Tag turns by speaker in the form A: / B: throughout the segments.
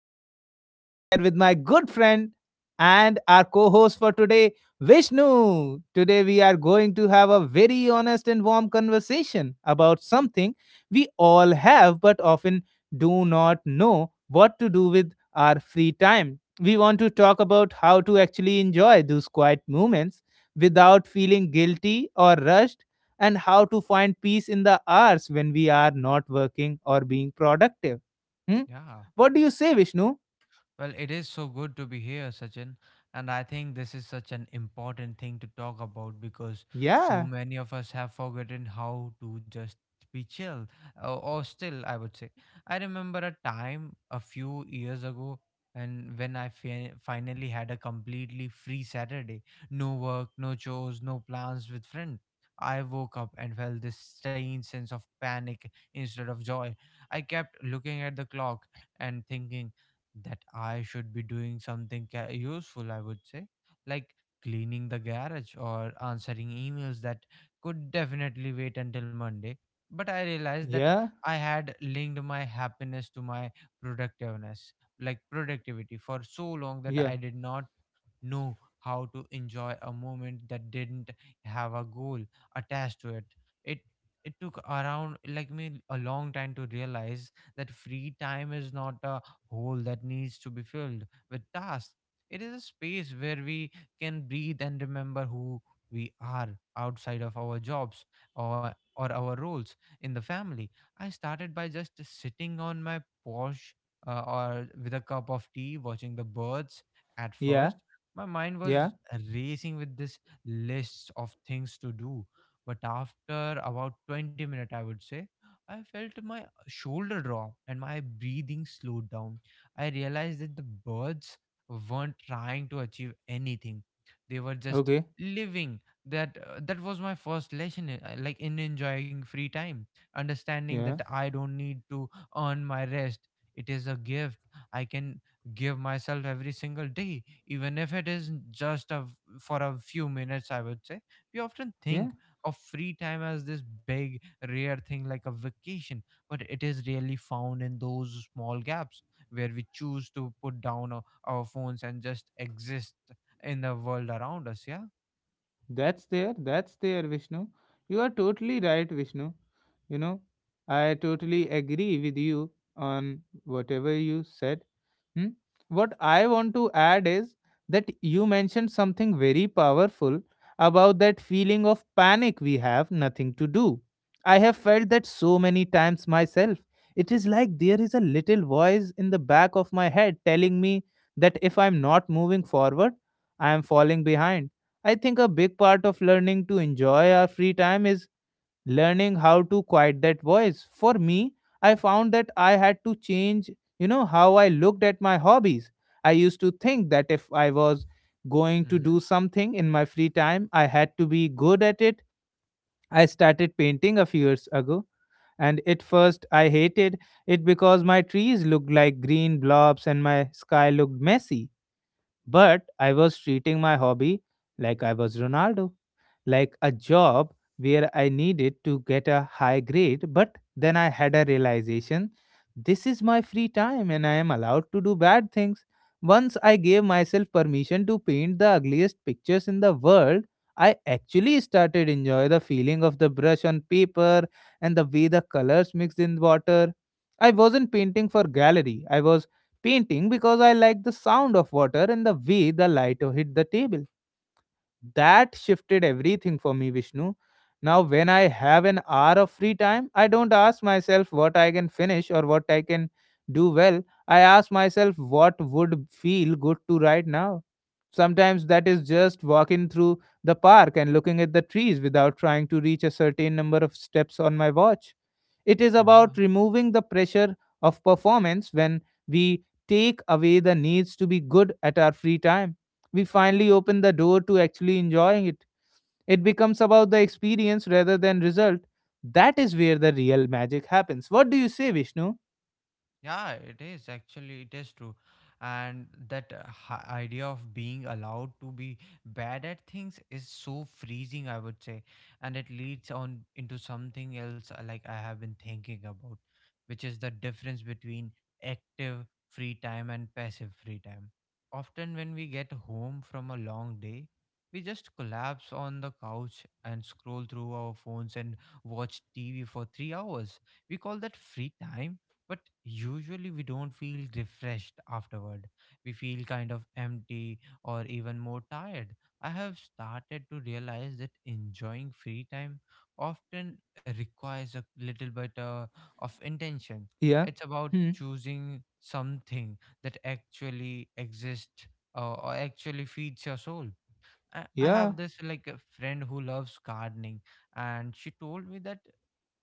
A: and I am here with my good friend and our co host for today, Vishnu. Today, we are going to have a very honest and warm conversation about something we all have but often do not know what to do with our free time. We want to talk about how to actually enjoy those quiet moments without feeling guilty or rushed and how to find peace in the hours when we are not working or being productive. Hmm?
B: Yeah.
A: What do you say, Vishnu?
B: Well, it is so good to be here, Sachin. And I think this is such an important thing to talk about because so
A: Yeah,
B: many of us have forgotten how to just be chill, or still, I would say. I remember a time a few years ago, and when I finally had a completely free Saturday, no work, no chores, no plans with friends. I woke up and felt this strange sense of panic instead of joy. I kept looking at the clock and thinking that I should be doing something useful, I would say, like cleaning the garage or answering emails that could definitely wait until Monday. But I realized that
A: yeah,
B: I had linked my happiness to my productiveness, like productivity, for so long that
A: yeah,
B: I did not know how to enjoy a moment that didn't have a goal attached to it. It it took around like me a long time to realize that free time is not a hole that needs to be filled with tasks. It is a space where we can breathe and remember who we are outside of our jobs or our roles in the family. I started by just sitting on my porch or with a cup of tea watching the birds at
A: yeah,
B: first. My mind
A: yeah.
B: was racing with this list of things to do. But after about 20 minutes, I would say, I felt my shoulder drop and my breathing slowed down. I realized that the birds weren't trying to achieve anything. They were just
A: Okay,
B: living. That was my first lesson like in enjoying free time, understanding that
A: yeah,
B: I don't need to earn my rest. It is a gift I can give myself every single day, even if it is just a for a few minutes, I would say. We often think
A: yeah.
B: of free time as this big rare thing like a vacation, but it is really found in those small gaps where we choose to put down our phones and just exist in the world around us. Yeah.
A: That's there, Vishnu. You are totally right, Vishnu. You know, I totally agree with you on whatever you said. Hmm? What I want to add is that you mentioned something very powerful about that feeling of panic we have nothing to do. I have felt that so many times myself. It is like there is a little voice in the back of my head telling me that if I'm not moving forward, I am falling behind. I think a big part of learning to enjoy our free time is learning how to quiet that voice. For me, I found that I had to change, you know, how I looked at my hobbies. I used to think that if I was going to
B: Mm-hmm.
A: do something in my free time, I had to be good at it. I started painting a few years ago, and at first I hated it because my trees looked like green blobs and my sky looked messy. But I was treating my hobby like I was Ronaldo, like a job where I needed to get a high grade. But then I had a realization this is my free time and I am allowed to do bad things. Once I gave myself permission to paint the ugliest pictures in the world, I actually started enjoy the feeling of the brush on paper and the way the colors mixed in water. I wasn't painting for gallery. I was painting because I like the sound of water and the way the light hit the table. That shifted everything for me, Vishnu. Now, when I have an hour of free time, I don't ask myself what I can finish or what I can do well. I ask myself what would feel good to right now. Sometimes that is just walking through the park and looking at the trees without trying to reach a certain number of steps on my watch. It is
B: Yeah.
A: about removing the pressure of performance when we take away the needs to be good at our free time we finally open the door to actually enjoying it. It becomes about the experience rather than result. That is where the real magic happens. What do you say, Vishnu?
B: Yeah, it is actually, it is true, and that idea of being allowed to be bad at things is so freezing, I would say, and it leads on into something else. Like I have been thinking about, which is the difference between active free time and passive free time. Often, when we get home from a long day, we just collapse on the couch and scroll through our phones and watch TV for 3 hours. We call that free time, but usually we don't feel refreshed afterward. We feel kind of empty or even more tired. I have started to realize that enjoying free time often requires a little bit of intention.
A: Yeah.
B: It's about
A: Hmm.
B: choosing something that actually exists, or actually feeds your soul. I
A: Yeah.
B: have this like a friend who loves gardening, and she told me that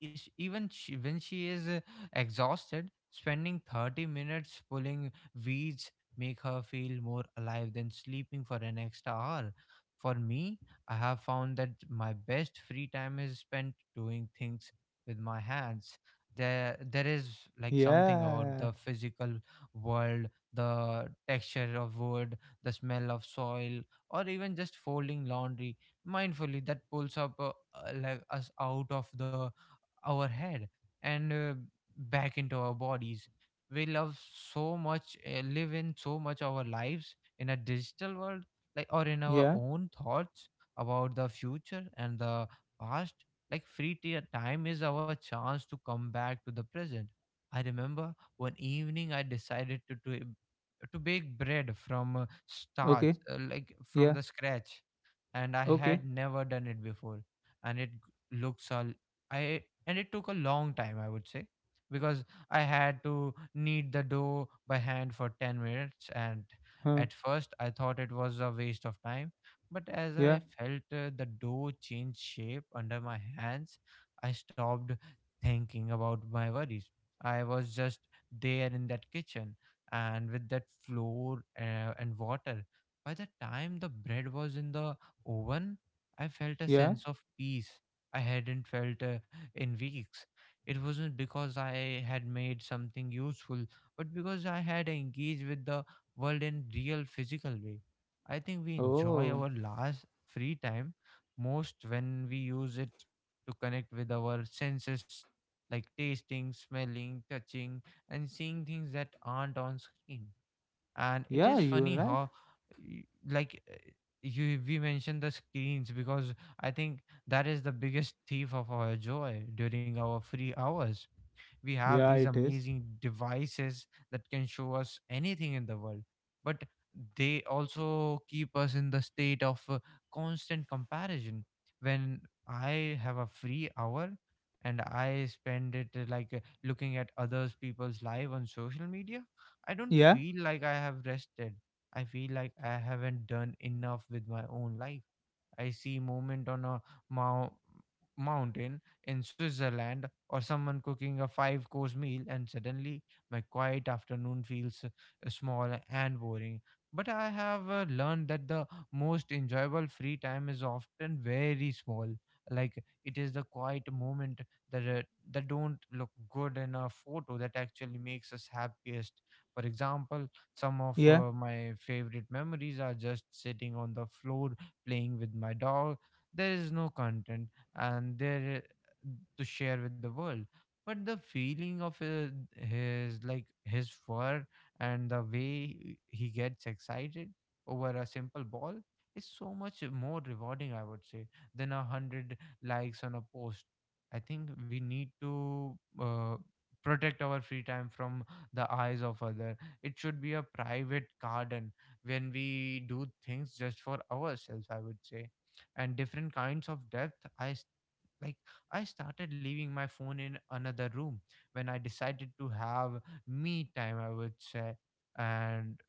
B: is even she, when she is exhausted, spending 30 minutes pulling weeds make her feel more alive than sleeping for an extra hour. For me, I have found that my best free time is spent doing things with my hands. There is like something about
A: Yeah.
B: the physical world, the texture of wood, the smell of soil, or even just folding laundry mindfully that pulls up like us out of the our head and back into our bodies. We love so much, live in so much our lives in a digital world, like or in our
A: Yeah.
B: own thoughts about the future and the past. Like time is our chance to come back to the present. I remember one evening I decided to bake bread from
A: Okay.
B: like from
A: Yeah.
B: the scratch, and I
A: Okay.
B: had never done it before. And it g- looks all I and it took a long time, I would say, because I had to knead the dough by hand for 10 minutes. And
A: Huh.
B: at first, I thought it was a waste of time. But as
A: Yeah.
B: I felt the dough change shape under my hands, I stopped thinking about my worries. I was just there in that kitchen and with that flour, and water. By the time the bread was in the oven, I felt a
A: Yeah.
B: sense of peace I hadn't felt in weeks. It wasn't because I had made something useful, but because I had engaged with the world in real physical way. I think we enjoy
A: Oh.
B: our last free time most when we use it to connect with our senses, like tasting, smelling, touching, and seeing things that aren't on screen. And it
A: Yeah,
B: is
A: you are
B: funny
A: right.
B: how y- like you we mentioned the screens, because I think that is the biggest thief of our joy during our free hours. We have
A: Yeah,
B: these
A: it is.
B: amazing devices that can show us anything in the world, but they also keep us in the state of constant comparison. When I have a free hour and I spend it looking at others people's live on social media, I don't
A: Yeah.
B: feel like I have rested. I feel like I haven't done enough with my own life. I see movement on a mou- mountain in Switzerland or someone cooking a five course meal, and suddenly my quiet afternoon feels small and boring. But I have learned that the most enjoyable free time is often very small. Like, it is the quiet moment that don't look good in a photo that actually makes us happiest. For example, some of
A: Yeah.
B: my favorite memories are just sitting on the floor playing with my dog. There is no content and there to share with the world. But the feeling of his like his fur and the way he gets excited over a simple ball is so much more rewarding, I would say, than a hundred likes on a post. I think we need to protect our free time from the eyes of other. It should be a private garden when we do things just for ourselves, I would say, and different kinds of depth like I started leaving my phone in another room when I decided to have me time, I would say. And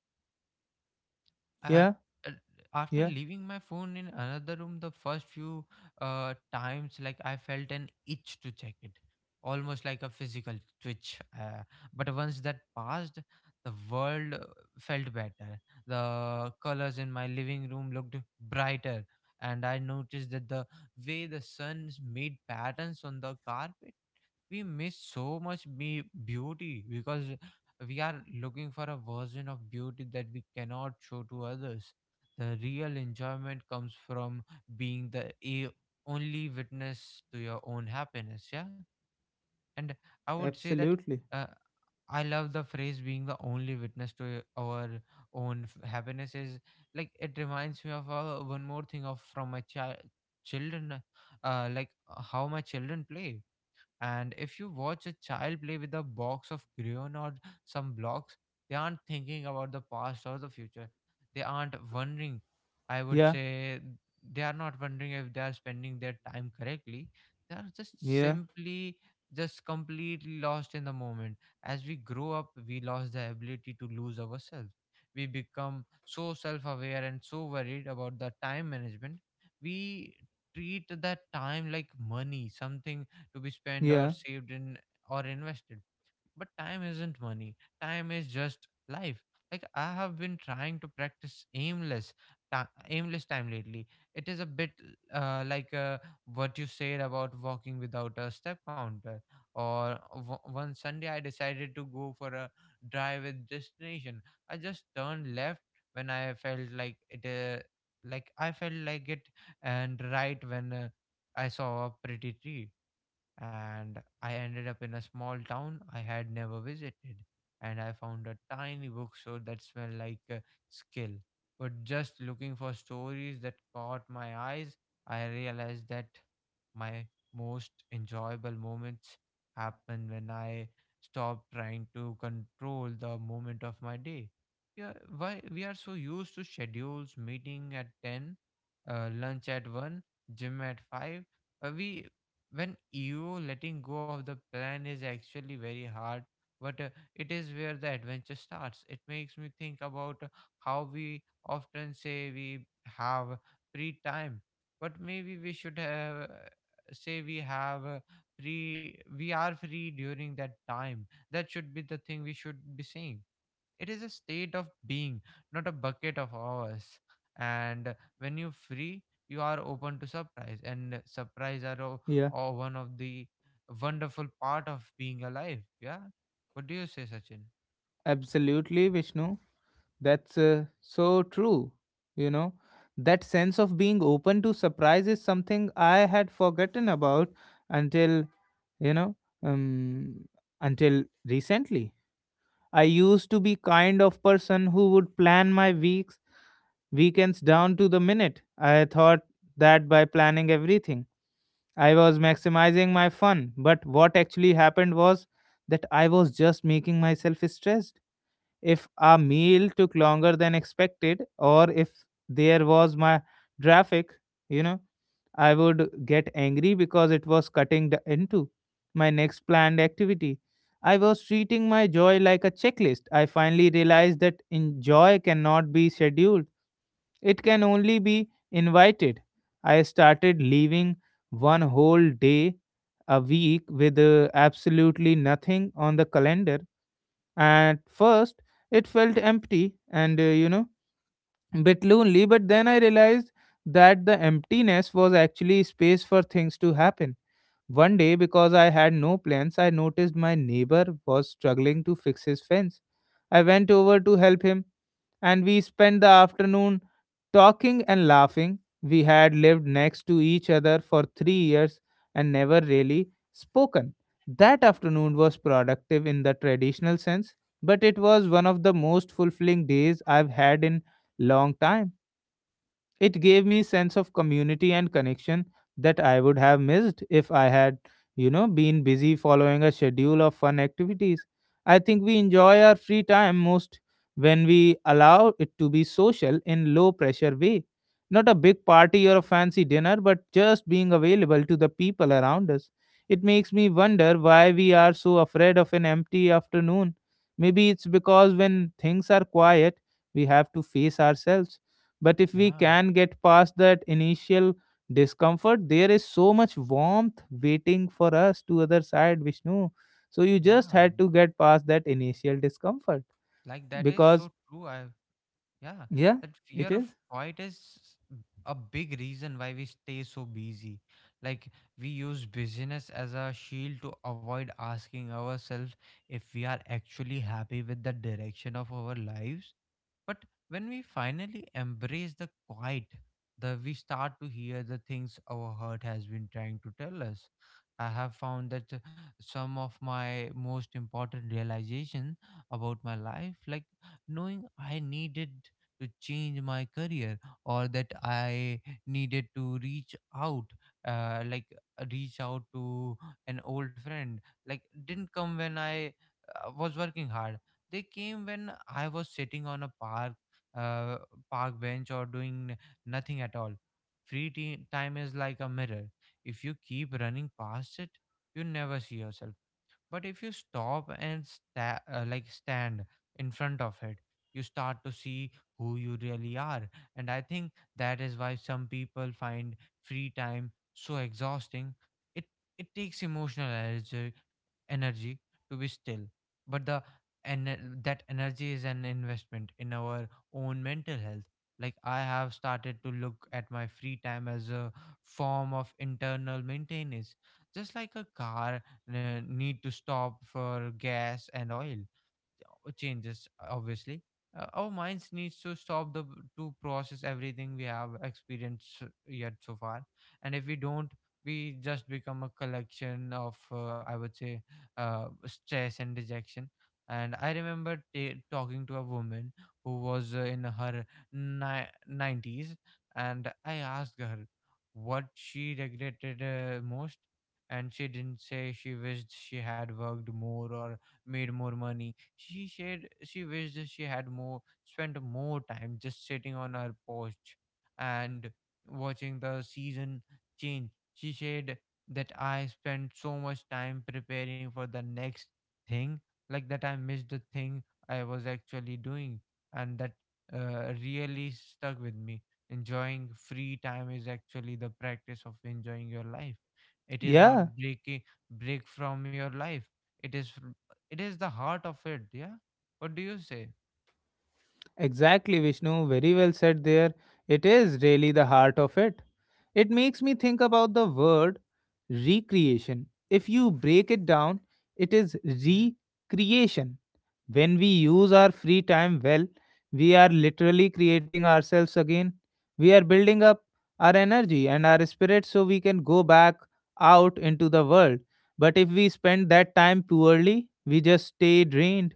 B: uh,
A: Yeah.
B: uh, after
A: Yeah.
B: leaving my phone in another room, the first few times, like, I felt an itch to check it, almost like a physical twitch. But once that passed, the world felt better. The colors in my living room looked brighter, and I noticed that the way the suns made patterns on the carpet, we miss so much beauty because we are looking for a version of beauty that we cannot show to others. The real enjoyment comes from being only witness to your own happiness. Yeah. And I would say that,
A: Absolutely.
B: uh, I love the phrase being the only witness to our own happiness. Is like it reminds me of one more thing of from my child children, how my children play. And if you watch a child play with a box of crayon or some blocks, they aren't thinking about the past or the future. They aren't wondering, I would
A: Yeah.
B: say, they are not wondering if they are spending their time correctly. They are just
A: Yeah.
B: simply just completely lost in the moment. As we grow up, we lost the ability to lose ourselves. We become so self aware and so worried about the time management. We treat that time like money, something to be spent or
A: Yeah.
B: saved in or invested. But time isn't money, time is just life. Like, I have been trying to practice aimless aimless time lately. It is a bit uh, like uh, what you said about walking without a step counter one Sunday I decided to go for a drive with destination. I just turned left when I felt like it, and right when I saw a pretty tree, and I ended up in a small town I had never visited, and I found a tiny bookstore that smelled like skill. But just looking for stories that caught my eyes, I realized that my most enjoyable moments happen when I stop trying to control the moment of my day. Yeah, why we are so used to schedules, meeting at ten, lunch at one, gym at five. We When you letting go of the plan is actually very hard, but it is where the adventure starts. It makes me think about how we often say we have free time, but maybe we should have say we have free we are free during that time. That should be the thing we should be saying. It is a state of being, not a bucket of hours. And when you're free, you are open to surprise, and surprise are
A: Yeah.
B: one of the wonderful part of being alive. Yeah. What do you say, Sachin?
A: Absolutely, Vishnu. That's so true. You know, that sense of being open to surprise is something I had forgotten about until, you know, um, until recently. I used to be kind of person who would plan my weeks, weekends down to the minute. I thought that by planning everything, I was maximizing my fun. But what actually happened was that I was just making myself stressed if a meal took longer than expected or if there was my traffic, you know, I would get angry because it was cutting into my next planned activity. I was treating my joy like a checklist. I finally realized that joy cannot be scheduled, it can only be invited. I started leaving one whole day a week with absolutely nothing on the calendar. At first, it felt empty and, bit lonely, but then I realized that the emptiness was actually space for things to happen. One day, because I had no plans, I noticed my neighbor was struggling to fix his fence. I went over to help him and we spent the afternoon talking and laughing. We had lived next to each other for 3 years and never really spoken. That afternoon was productive in the traditional sense, but it was one of the most fulfilling days I've had in long time. It gave me sense of community and connection that I would have missed if I had, you know, been busy following a schedule of fun activities. I think we enjoy our free time most when we allow it to be social in low pressure way. Not a big party or a fancy dinner, but just being available to the people around us. It makes me wonder why we are so afraid of an empty afternoon. Maybe it's because when things are quiet, we have to face ourselves but if we
B: Yeah.
A: can get past that initial discomfort, there is so much warmth waiting for us to other side, Vishnu. So you just
B: Yeah,
A: had to get past that initial discomfort
B: like that is
A: because
B: so true. I Yeah,
A: yeah,
B: that fear
A: it
B: of
A: is.
B: quiet is a big reason why we stay so busy. Like, we use busyness as a shield to avoid asking ourselves if we are actually happy with the direction of our lives. But when we finally embrace the quiet, the we start to hear the things our heart has been trying to tell us. I have found that some of my most important realization about my life, like knowing I needed to change my career or that I needed to out reach out to an old friend, like didn't come when I was working hard. They came when I was sitting on a uh, park bench or doing nothing at all. Free time is like a mirror. If you keep running past it, you never see yourself, but if you stop and stand in front of it, you start to see who you really are. And I think that is why some people find free time so exhausting. It it takes emotional energy to be still. But the and that energy is an investment in our own mental health. Like, I have started to look at my free time as a form of internal maintenance. Just like a car need to stop for gas and oil changes, obviously, our minds needs to stop the to process everything we have experienced so far, and if we don't, we just become a collection of I would say, stress and dejection. And I remember ta talking to a woman who was in her ni- 90s, and I asked her what she regretted most. And she didn't say she wished she had worked more or made more money. She said she wished that she had more spent more time just sitting on her porch and watching the season change. She said that I spent so much time preparing for the next thing, like, that I missed the thing I was actually doing, and that really stuck with me. Enjoying free time is actually the practice of enjoying your life. It is not
A: Yeah.
B: break from your life. It is it is the heart of it, yeah? What do you say?
A: Exactly, Vishnu. Very well said there. It is really the heart of it. It makes me think about the word recreation. If you break it down, it is
B: Hmm.
A: recreation. When we use our free time well, we are literally creating ourselves again. We are building up our energy and our spirit so we can go back out into the world. But if we spend that time poorly, we just stay drained.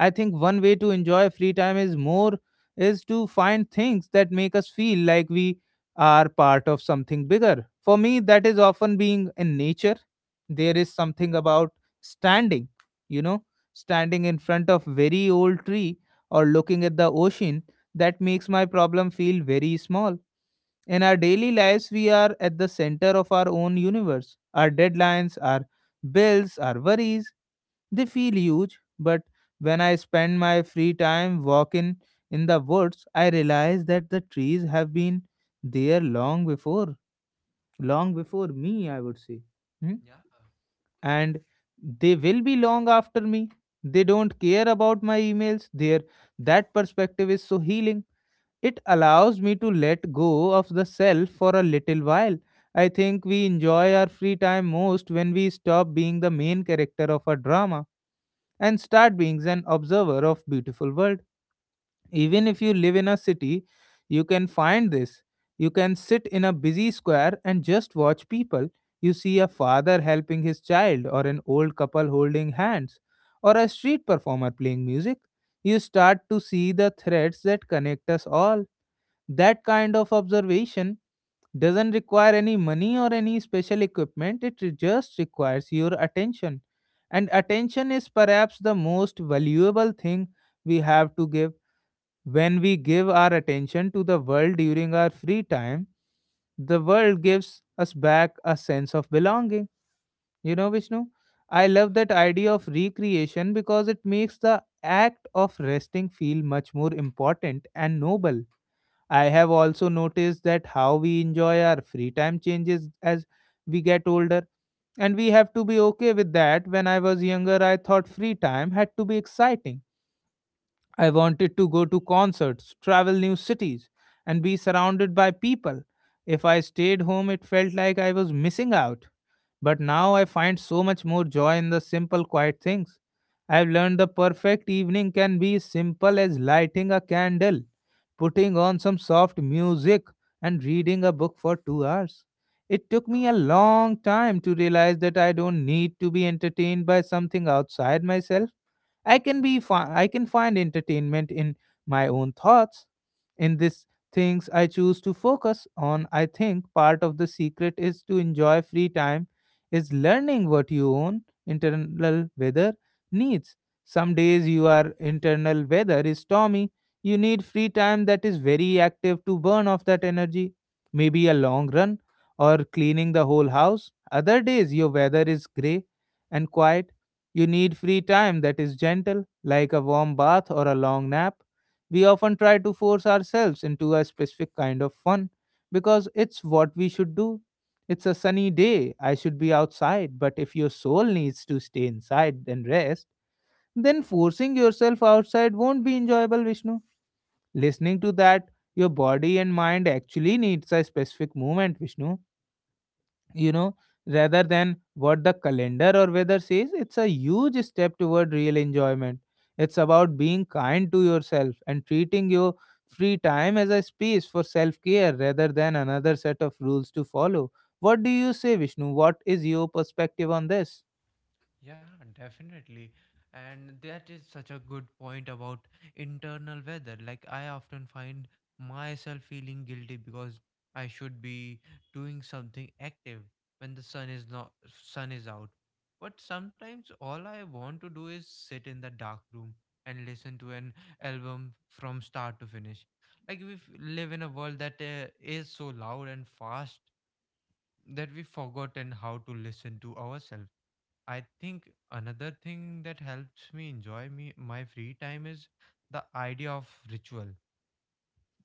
A: I think one way to enjoy free time is more is to find things that make us feel like we are part of something bigger. For me, that is often being in nature. There is something about standing, you know, standing in front of very old tree or looking at the ocean that makes my problem feel very small. In our daily lives, we are at the center of our own universe. Our deadlines, our bills, our worries, they feel huge, but when I spend my free time walking in the woods, I realize that the trees have been there long before me, I would say. Hmm?
B: Yeah,
A: And they will be long after me. They don't care about my emails. Their that perspective is so healing. It allows me to let go of the self for a little while. I think we enjoy our free time most when we stop being the main character of a drama and start being an observer of beautiful world. Even if you live in a city, you can find this. You can sit in a busy square and just watch people. You see a father helping his child, or an old couple holding hands, or a street performer playing music. You start to see the threads that connect us all. That kind of observation doesn't require any money or any special equipment, it just requires your attention. And attention is perhaps the most valuable thing we have to give. When we give our attention to the world during our free time, the world gives us back a sense of belonging. You know, Vishnu, I love that idea of recreation because it makes the act of resting feel much more important and noble. I have also noticed that how we enjoy our free time changes as we get older. And we have to be okay with that. When I was younger, I thought free time had to be exciting. I wanted to go to concerts, travel new cities, and be surrounded by people. If I stayed home, it felt like I was missing out. But now I find so much more joy in the simple, quiet things. I've learned the perfect evening can be as simple as lighting a candle, putting on some soft music, and reading a book for 2 hours. It took me a
B: sure.
A: long time to realize that I don't need to be entertained by something outside myself. I can find entertainment in my own thoughts. In these things I choose to focus on, I think part of the secret is to enjoy free time is learning what you own internal weather needs. Some days your internal weather is stormy. You need free time that is very active to burn off that energy. Maybe a long run or cleaning the whole house. Other days your weather is grey and quiet you need free time that is gentle, like a warm bath or a long nap. We often try to force ourselves into a specific kind of fun because it's what we should do. It's a sunny day, I should be outside, but if your soul needs to stay inside and rest, then forcing yourself outside won't be enjoyable, Vishnu. Listening to that, your body and mind actually needs a specific movement, Vishnu, you know, rather than what the calendar or weather says, it's a huge step toward real enjoyment. It's about being kind to yourself and treating your free time as a space for self care rather than another set of rules to follow. What do you say, Vishnu? What is your perspective on this?
B: Yeah, definitely. And that is such a good point about internal weather. Like, I often find myself feeling guilty because I should be doing something active when the sun is not sun is out. But sometimes all I want to do is sit in the dark room and listen to an album from start to finish. Like, we live in a world that is so loud and fast that we've forgotten how to listen to ourselves. I think another thing that helps me enjoy me my free time is the idea of ritual,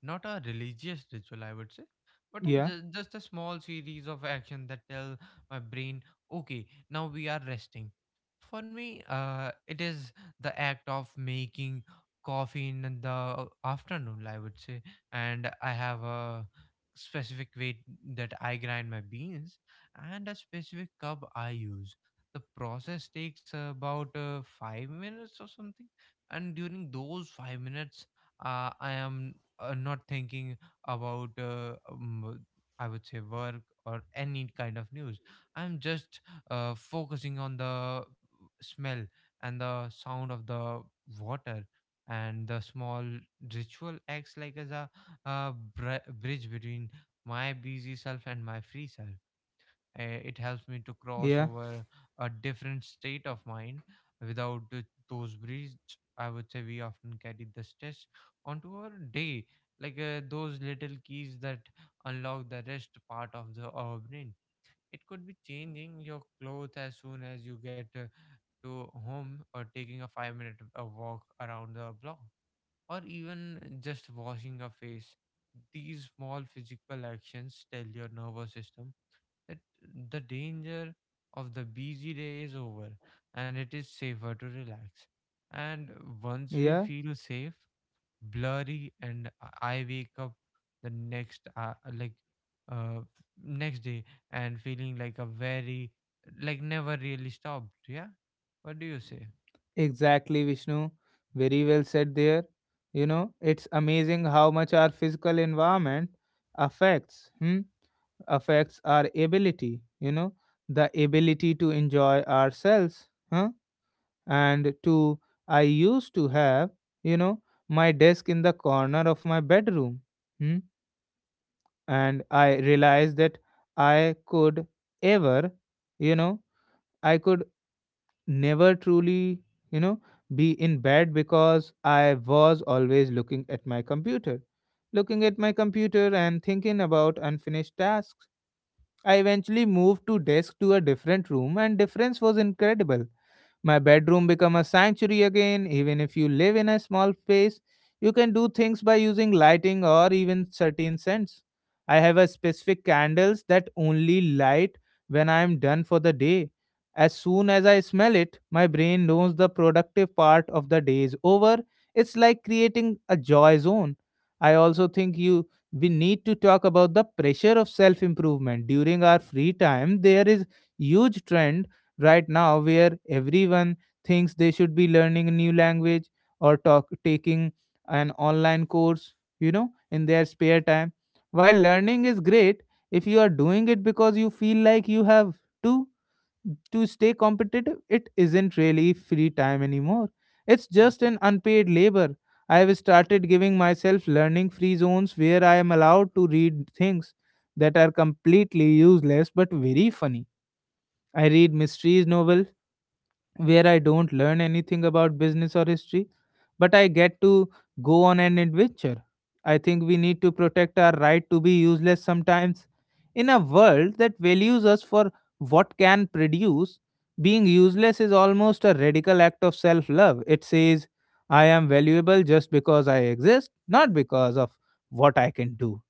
B: not a religious ritual, I would say, but a,
A: Yeah,
B: ju- just a small series of action that tell my brain, okay, now we are resting. For me, it is the act of making coffee in the afternoon, I would say, and I have a specific way that I grind my beans and a specific cup I use. The process takes about 5 minutes or something, and during those 5 minutes, I am not thinking about I would say work, or any kind of news. I'm just focusing on the smell and the sound of the water, and the small ritual acts like as a bridge between my busy self and my free self. It helps me to cross
A: yeah,
B: over a different state of mind. Without those bridges, I would say, we often carry the stress onto our day, like those little keys that unlock the rest part of the our brain. It could be changing your clothes as soon as you get to home, or taking a 5-minute walk around the block, or even just washing your face. These small physical actions tell your nervous system that the danger of the busy day is over and it is safer to relax. And once we
A: yeah,
B: feel safe, blurry, and I wake up the next, uh, like, uh, next day and feeling like a very, like, never really stopped. Yeah. What do you say?
A: exactly, Vishnu. Very well said there. You know, it's amazing how much our physical environment affects. Hmm? Affects our ability, you know, the ability to enjoy ourselves. Huh? And to, I used to have, you know, my desk in the corner of my bedroom. Hmm? And I realized that I could ever, you know, I could never truly, you know, be in bed because I was always looking at my computer and thinking about unfinished tasks. I eventually moved to desk to a different room and difference was incredible. My bedroom become a sanctuary again. Even if you live in a small space, you can do things by using lighting or even certain scents. I have a specific candles that only light when I am done for the day. As soon as I smell it, my brain knows the productive part of the day is over. It's like creating a joy zone. I also think you we need to talk about the pressure of self improvement during our free time. There is huge trend right now where everyone thinks they should be learning a new language taking an online course, you know, in their spare time. While learning is great, if you are doing it because you feel like you have to stay competitive, it isn't really free time anymore. It's just
B: Hmm.
A: an unpaid labor. I have started giving myself learning free zones where I am allowed to read things that are completely useless but very funny. I read mysteries novel where I don't learn anything about business or history, but I get to go on an adventure. I think we need to protect our right to be useless sometimes. In a world that values us for what can produce, being useless is almost a radical act of self love. It says, I am valuable just because I exist, not because of what I can do.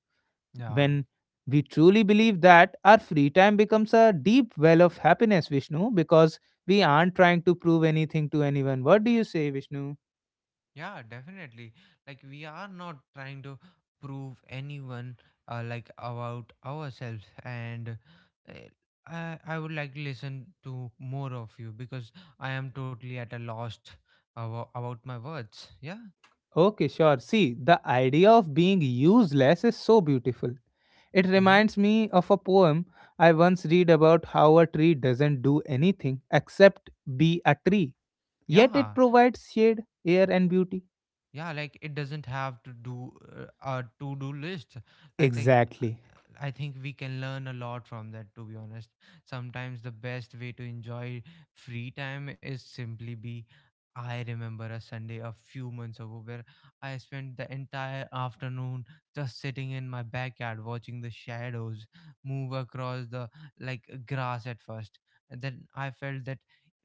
B: Yeah.
A: When we truly believe that, our free time becomes a deep well of happiness, Vishnu, because we aren't trying to prove anything to anyone. What do you say, Vishnu?
B: Yeah, definitely. Like, we are not trying to prove anyone like about ourselves, and uh, I would like to listen to more of you because I am totally at a lost about my words. Yeah.
A: Okay, sure. See, the idea of being useless is so beautiful. It
B: Mm-hmm.
A: reminds me of a poem I once read about how a tree doesn't do anything except be a tree, yet
B: Yeah.
A: it provides shade, air, and beauty.
B: Yeah, like it doesn't have to do a to-do list. i think
A: Exactly.
B: i think we can learn a lot from that, to be honest. Sometimes the best way to enjoy free time is simply be. I remember a Sunday a few months ago where I spent the entire afternoon just sitting in my backyard watching the shadows move across the, like, grass at first, and then I felt that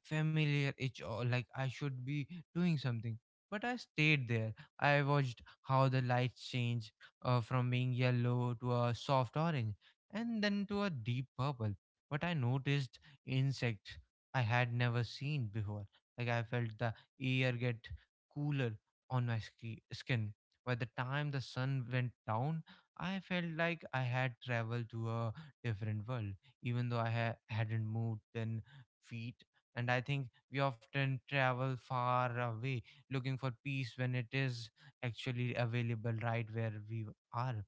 B: familiar itch, or like I should be doing something, but I stayed there. I watched how the lights changed, from being yellow to a soft orange and then to a deep purple. But I noticed insects I had never seen before. Like, I felt the air get cooler on my skin. By the time the sun went down, I felt like I had traveled to a different world, even though I hadn't moved 10 feet. And I think we often travel far away looking for peace when it is actually available right where we are.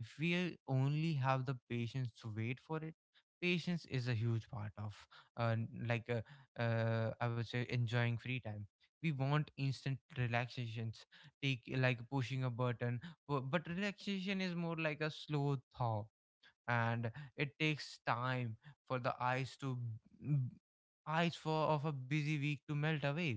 B: If we only have the patience to wait for it, patience is a huge part of, uh, n- like, uh, I would say, enjoying free time. We want instant relaxations, take like pushing a button, but relaxation is more like a slow thaw, and it takes time for the eyes to b- eyes for of a busy week to melt away.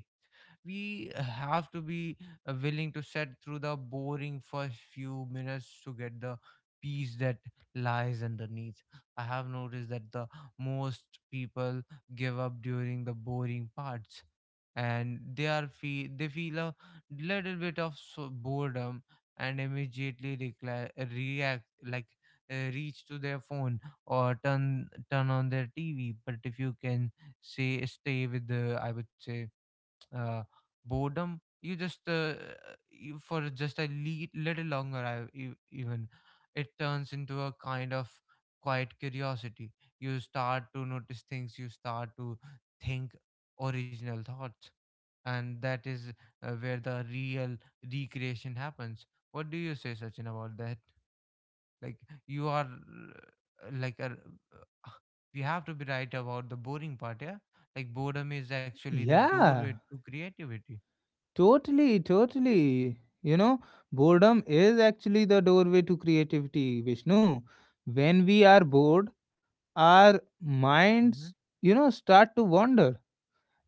B: We have to be willing to set through the boring first few minutes to get the peace that lies underneath. I have noticed that the most people give up during the boring parts, and they feel a little bit of so boredom, and immediately react, like reach to their phone, or turn on their TV. But if you can say stay with the, I would say, uh, boredom, for just a little longer, even, it turns into a kind of quiet curiosity. You start to notice things, you start to think original thoughts, and that is where the real recreation happens. What do you say, Sachin, about that? Like, you are like a uh, we have to be right about the boring part, yeah? Like, boredom is actually the doorway
A: Yeah.
B: to creativity.
A: Totally, totally. You know, boredom is actually the doorway to creativity, Vishnu. When we are bored, our
B: Hmm.
A: minds, you know, start to wander.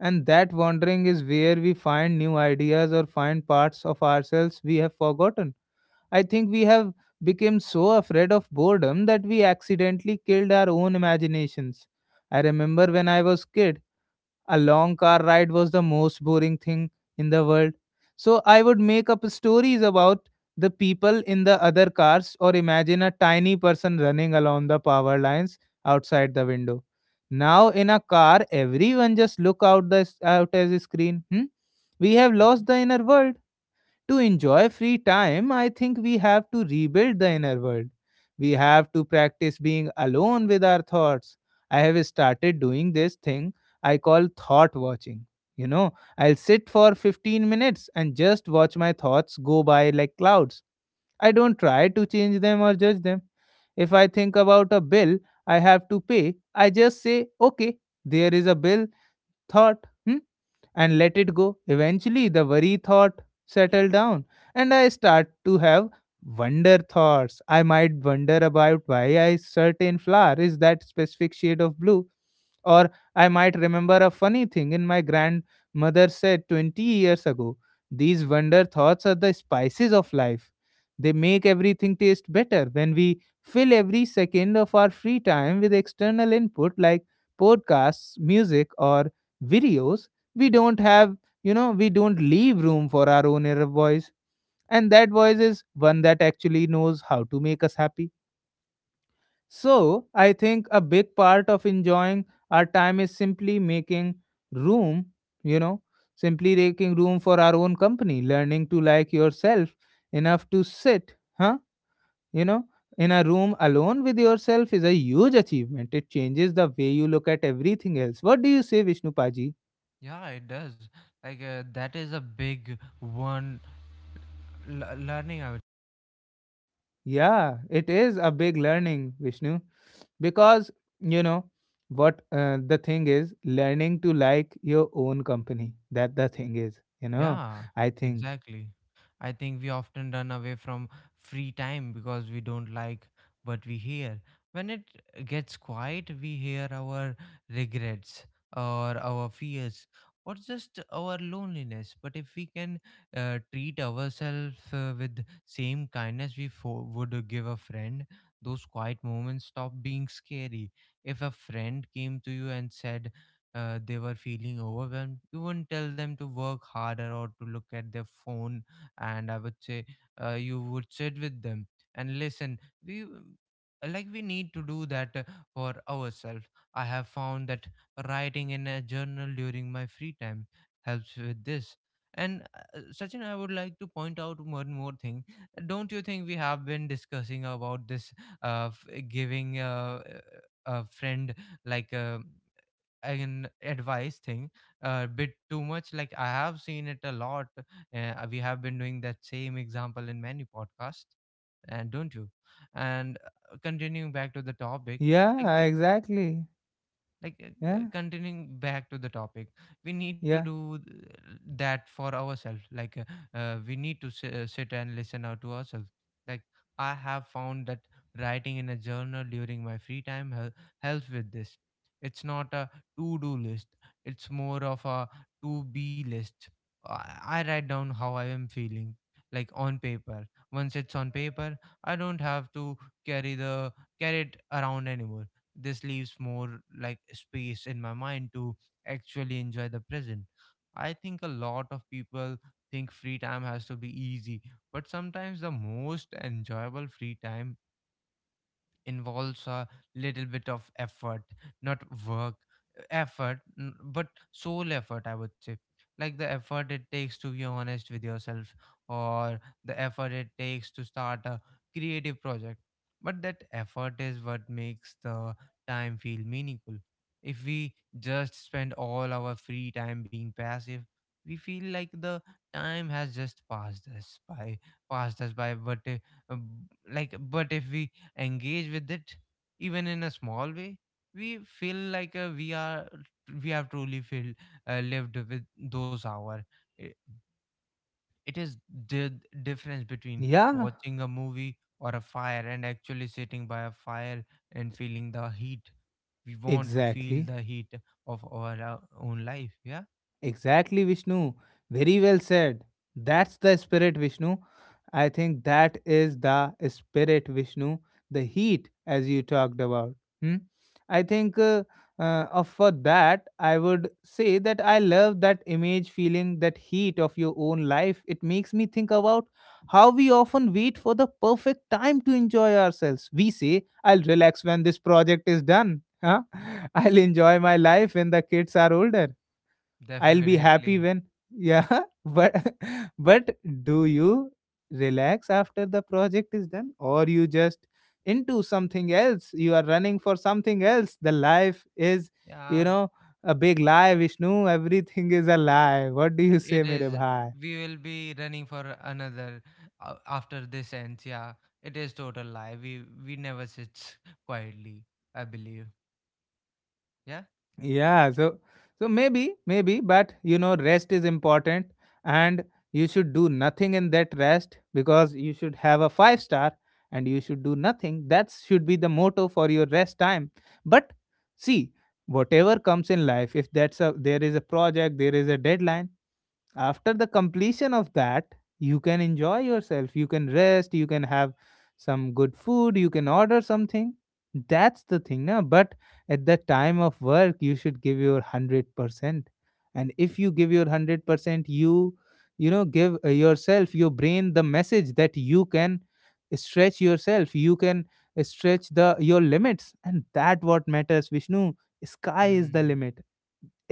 A: And that wandering is where we find new ideas or find parts of ourselves we have forgotten. I think we have become so afraid of boredom that we accidentally killed our own imaginations. I remember when I was kid, a long car ride was the most boring thing in the world. So I would make up stories about the people in the other cars or imagine a tiny person running along the power lines outside the window. Now in a car, everyone just look out the out as a screen. Hmm? We have
B: Hmm.
A: lost the inner world. To enjoy free time, I think we have to rebuild the inner world. We have to practice being alone with our thoughts. I have started doing this thing I call thought watching. You know, I'll sit for 15 minutes and just watch my thoughts go by like clouds. I don't try to change them or judge them. If I think about a bill I have to pay, I just say, okay, there is a bill, thought. And let it go. Eventually, the worry thought settled down, and I start to have wonder thoughts. I might wonder about why a certain flower is that specific shade of blue, or I might remember a funny thing in my grandmother said 20 years ago. These wonder thoughts are the spices of life. They make everything taste better. When we fill every second of our free time with external input like podcasts, music, or videos, we don't have, you know, we don't leave room for our own inner voice, and that voice is one that actually knows how to make us happy. So I think a big part of enjoying our time is simply making room, you know, simply making room for our own company. Learning to like yourself enough to sit, huh, you know, in a room alone with yourself is a huge achievement. It changes the way you look at everything else. What do you say, Vishnu paji?
B: Yeah, it does. Like, that is a big one learning. I
A: Yeah, it is a big learning, Vishnu, because, you know what, the thing is learning to like your own company. That the thing is, you know,
B: Yeah,
A: I think.
B: exactly. I think we often run away from free time because we don't like what we hear. When it gets quiet, we hear our regrets, or our fears, or just our loneliness. But if we can treat ourselves with same kindness we would give a friend, those quiet moments stop being scary. If a friend came to you and said they were feeling overwhelmed, you wouldn't tell them to work harder or to look at their phone, and I would say, you would sit with them and listen. We like we need to do that for ourselves. I have found that writing in a journal during my free time helps with this. And Sachin, I would like to point out one more thing. Don't you think we have been discussing about this, giving a friend, like a an advice thing, a bit too much? Like, I have seen it a lot. We have been doing that same example in many podcasts, and don't you, and continuing back to the topic, like
A: Yeah, exactly. Yeah,
B: continuing back to the topic, we need to
A: yeah,
B: do that for ourselves, like we need to sit and listen out to ourselves. Like, I have found that writing in a journal during my free time helps with this. It's not a to do list, it's more of a to be list. I write down how I am feeling, like on paper. Once it's on paper, I don't have to carry the carry it around anymore. This leaves more like space in my mind to actually enjoy the present. I think a lot of people think free time has to be easy, but sometimes the most enjoyable free time involves a little bit of effort, not work effort, but soul effort, I would say. Like the effort it takes to be honest with yourself, or the effort it takes to start a creative project. But that effort is what makes the time feel meaningful. If we just spend all our free time being passive, we feel like the time has just passed us by, passed us by. B- but if we engage with it even in a small way, we feel like we are we have truly feel lived with those hours. It, it is the difference between
A: yeah,
B: watching a movie or a fire and actually sitting by a fire and feeling the heat. We want to feel
A: exactly.
B: the heat of our own life. Yeah,
A: Exactly, Vishnu. Very well said. That's the spirit, Vishnu. I think that is the spirit, Vishnu. The heat, as you talked about. Hmm? I think of for that, I would say that I love that image, feeling that heat of your own life. It makes me think about how we often wait for the perfect time to enjoy ourselves. We say, "I'll relax when this project is done." Huh? I'll enjoy my life when the kids are older. I'll be
B: definitely.
A: happy when yeah, but but do you relax after the project is done or you just into something else? You are running for something else. The life is, you
B: Yeah,
A: know, a big lie, Vishnu. Everything is a lie. What do
B: and
A: you
B: it
A: say, mere
B: is.
A: bhai?
B: We will be running for another after this ends. Yeah, it is total lie. We never sit quietly. I believe. Yeah.
A: Yeah, so so maybe but you know rest is important, and you should do nothing in that rest because you should have a 5 star and you should do nothing. That should be the motto for your rest time. But see, whatever comes in life, if that's a there is a project, there is a deadline, after the completion of that you can enjoy yourself, you can rest, you can have some good food, you can order something. That's the thing now. But at the time of work you should give your 100%, and if you give your 100%, you know, give yourself your brain the message that you can stretch yourself, you can stretch the your limits, and that what matters, Vishnu. Sky is the
B: Mm,
A: limit.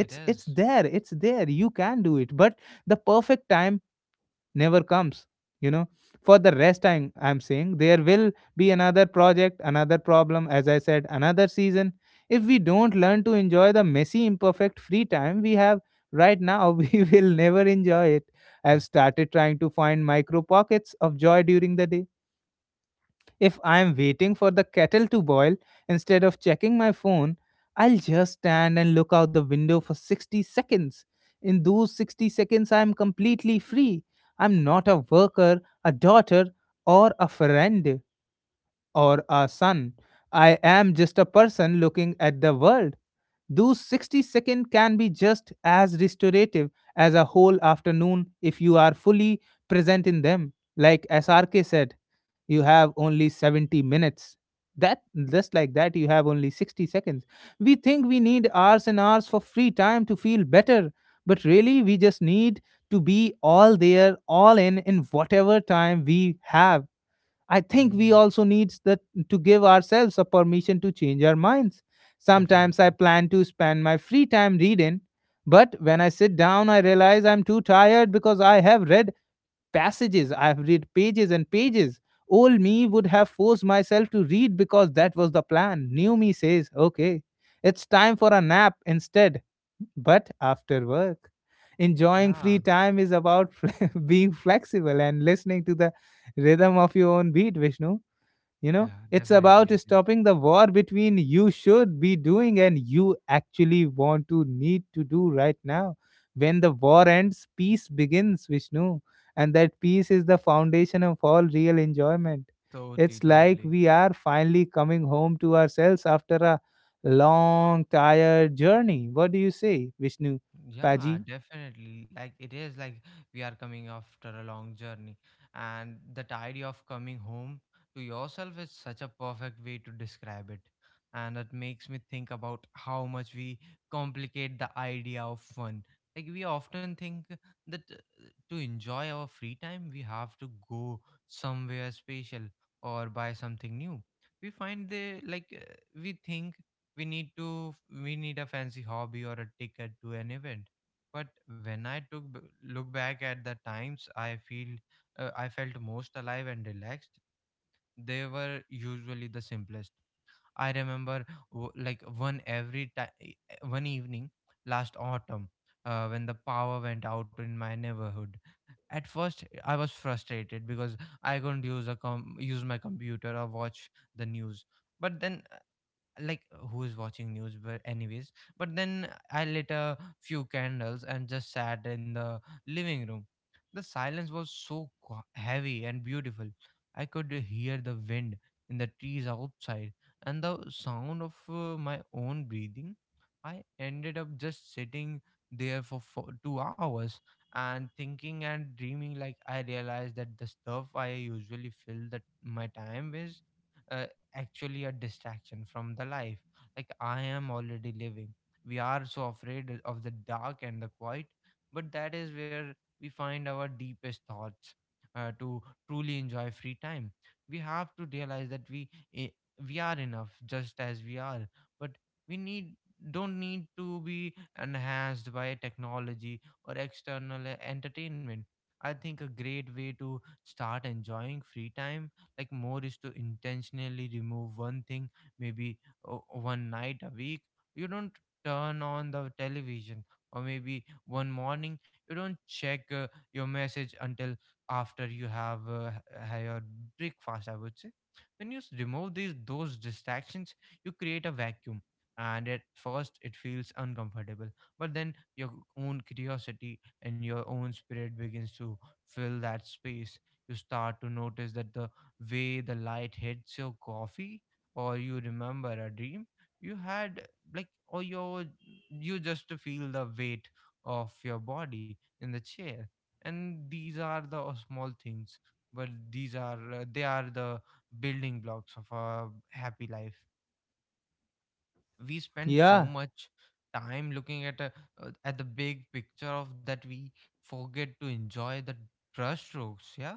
B: it
A: it's
B: is.
A: there, it's there, you can do it. But the perfect time never comes, you know. For the rest time I'm saying, there will be another project, another problem, as I said, another season. If we don't learn to enjoy the messy imperfect free time we have right now, we will never enjoy it.
B: Mm,
A: I've started trying to find micro pockets of joy during the day. If I'm waiting for the kettle to boil, instead of checking my phone, I'll just stand and look out the window for 60 seconds. In those 60 seconds, I'm completely free. I'm not a worker, a daughter, or a friend or a sun. I am just a person looking at the world. Those 60 seconds can be just as restorative as a whole afternoon if you are fully present in them. Like SRK said, you have only 70 minutes. That just like that, you have only 60 seconds. We think we need hours and hours for free time to feel better, but really, we just need to be all there, all in whatever time we have. I think we
B: mm,
A: also need that to give ourselves a permission to change our minds. Sometimes I
B: definitely.
A: plan to spend my free time reading, but when I sit down, I realize I'm too tired because I have read passages, I have read pages and pages. Old me would have forced myself to read because that was the plan. New me says, okay, it's time for a nap instead. But after work, enjoying
B: Yeah.
A: free time is about being flexible and listening to the rhythm of your own beat, Vishnu. You know,
B: Yeah.
A: it's
B: Definitely.
A: about
B: It is.
A: stopping the war between you should be doing and you actually want to need to do right now. When the war ends peace begins, Vishnu, and that peace is the foundation of all real enjoyment.
B: Totally.
A: It's like
B: Totally.
A: we are finally coming home to ourselves after a long tired journey. What do you say, Vishnu
B: Yeah,
A: paji?
B: definitely. Like it is like we are coming after a long journey, and that idea of coming home to yourself is such a perfect way to describe it. And it makes me think about how much we complicate the idea of fun. Like we often think that to enjoy our free time, we have to go somewhere special or buy something new. We find the like We think we need to we need a fancy hobby or a ticket to an event. But when look back at the times I felt most alive and relaxed, they were usually the simplest. I remember w- like one every ti- eh, one evening last autumn when the power went out in my neighborhood. At first I was frustrated because I couldn't use a com- use my computer or watch the news. But then, like, who's watching news? But anyways, but then I lit a few candles and just sat in the living room. The silence was so heavy and beautiful. I could hear the wind in the trees outside and the sound of my own breathing. I ended up just sitting there for 2 hours and thinking and dreaming. Like I realized that the stuff I usually fill that my time with uh, actually a distraction from the life like I am already living. We are so afraid of the dark and the quiet, but that is where we find our deepest thoughts. Uh, to truly enjoy free time, we have to realize that eh, we are enough just as we are, but we need don't need to be enhanced by technology or external entertainment. I think a great way to start enjoying free time like more is to intentionally remove one thing. Maybe one night a week you don't turn on the television, or maybe one morning you don't check your message until after you have had your breakfast, I would say. When you remove these those distractions, you create a vacuum. And at first it feels uncomfortable, but then your own curiosity and your own spirit begins to fill that space. You start to notice that the way the light hits your coffee, or you remember a dream you had, or you just feel the weight of your body in the chair. And these are the small things, but these are they are the building blocks of a happy life. We spend so
A: Yeah.
B: much time looking at at the big picture of that we forget to enjoy the brush strokes. Yeah,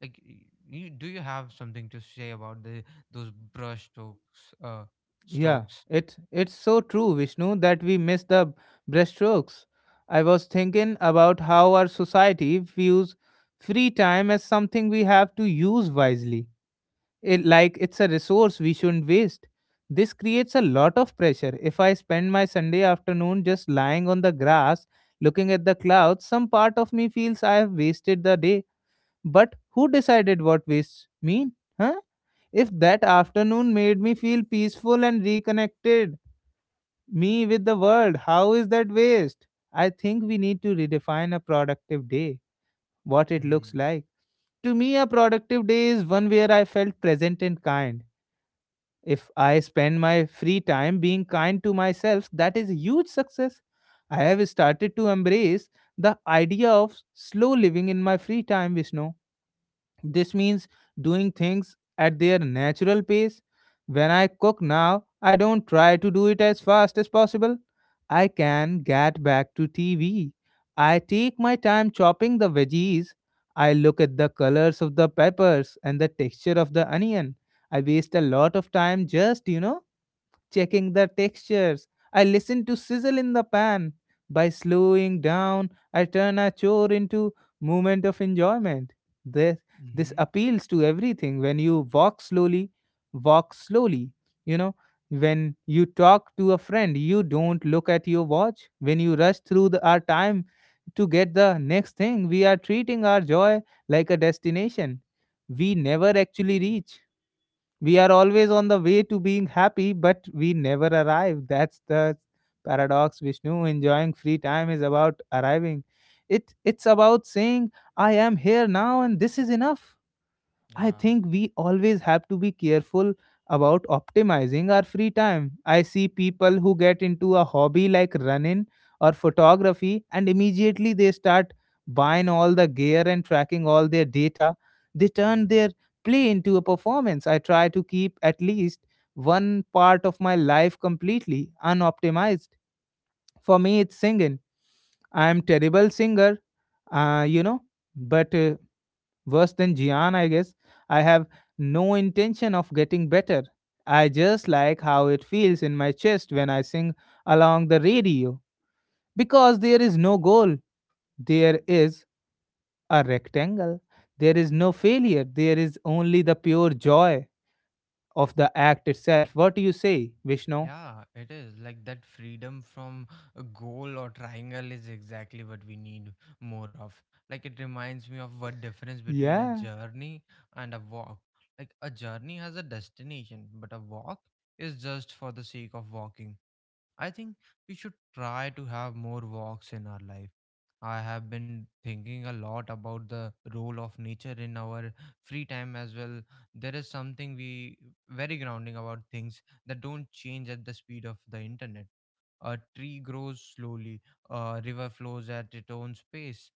B: like, y- you, do you have something to say about the those brush strokes?
A: Yeah,
B: Strokes.
A: it's so true, Vishnu, that we miss the brushstrokes. I was thinking about how our society views free time as something we have to use wisely. It like it's a resource we shouldn't waste. This creates a lot of pressure. If I spend my Sunday afternoon just lying on the grass, looking at the clouds, some part of me feels I have wasted the day. But who decided what wastes mean? Huh? If that afternoon made me feel peaceful and reconnected me with the world, how is that waste? I think we need to redefine a productive day, what it looks
B: Hmm.
A: like. To me, a productive day is one where I felt present and kind. If I spend my free time being kind to myself, that is a huge success. I have started to embrace the idea of slow living in my free time, Vishnu. This means doing things at their natural pace. When I cook now, I don't try to do it as fast as possible. I can get back to TV. I take my time chopping the veggies. I look at the colors of the peppers and the texture of the onion. I waste a lot of time just checking the textures. I listen to sizzle in the pan. By slowing down, I turn a chore into moment of enjoyment. This this
B: Mm-hmm.
A: appeals to everything. When you walk slowly, walk slowly. You know, when you talk to a friend, you don't look at your watch. When you rush through our time to get the next thing, we are treating our joy like a destination we never actually reach. We are always on the way to being happy, but we never arrive. That's the paradox, Vishnu. Enjoying free time is about arriving. It's about saying, I am here now and this is enough. I
B: Yeah,
A: think we always have to be careful about optimizing our free time. I see people who get into a hobby like running or photography and immediately they start buying all the gear and tracking all their data. They turn their play into a performance. I try to keep at least one part of my life completely unoptimized. For me, it's singing. I am terrible singer, uh, you know, but worse than Jian, I guess. I have no intention of getting better. I just like how it feels in my chest when I sing along the radio. Because there is no goal, there is a rectangle. There is no failure, there is only the pure joy of the act itself. What do you say, Vishnu?
B: yeah, it is. Like that freedom from a goal or triangle is exactly what we need more of. Like it reminds me of what difference between a
A: Yeah,
B: journey and a walk. Like a journey has a destination, but a walk is just for the sake of walking. I think we should try to have more walks in our life. I have been thinking a lot about the role of nature in our free time as well. There is something we very grounding about things that don't change at the speed of the internet. A tree grows slowly, a river flows at its own pace.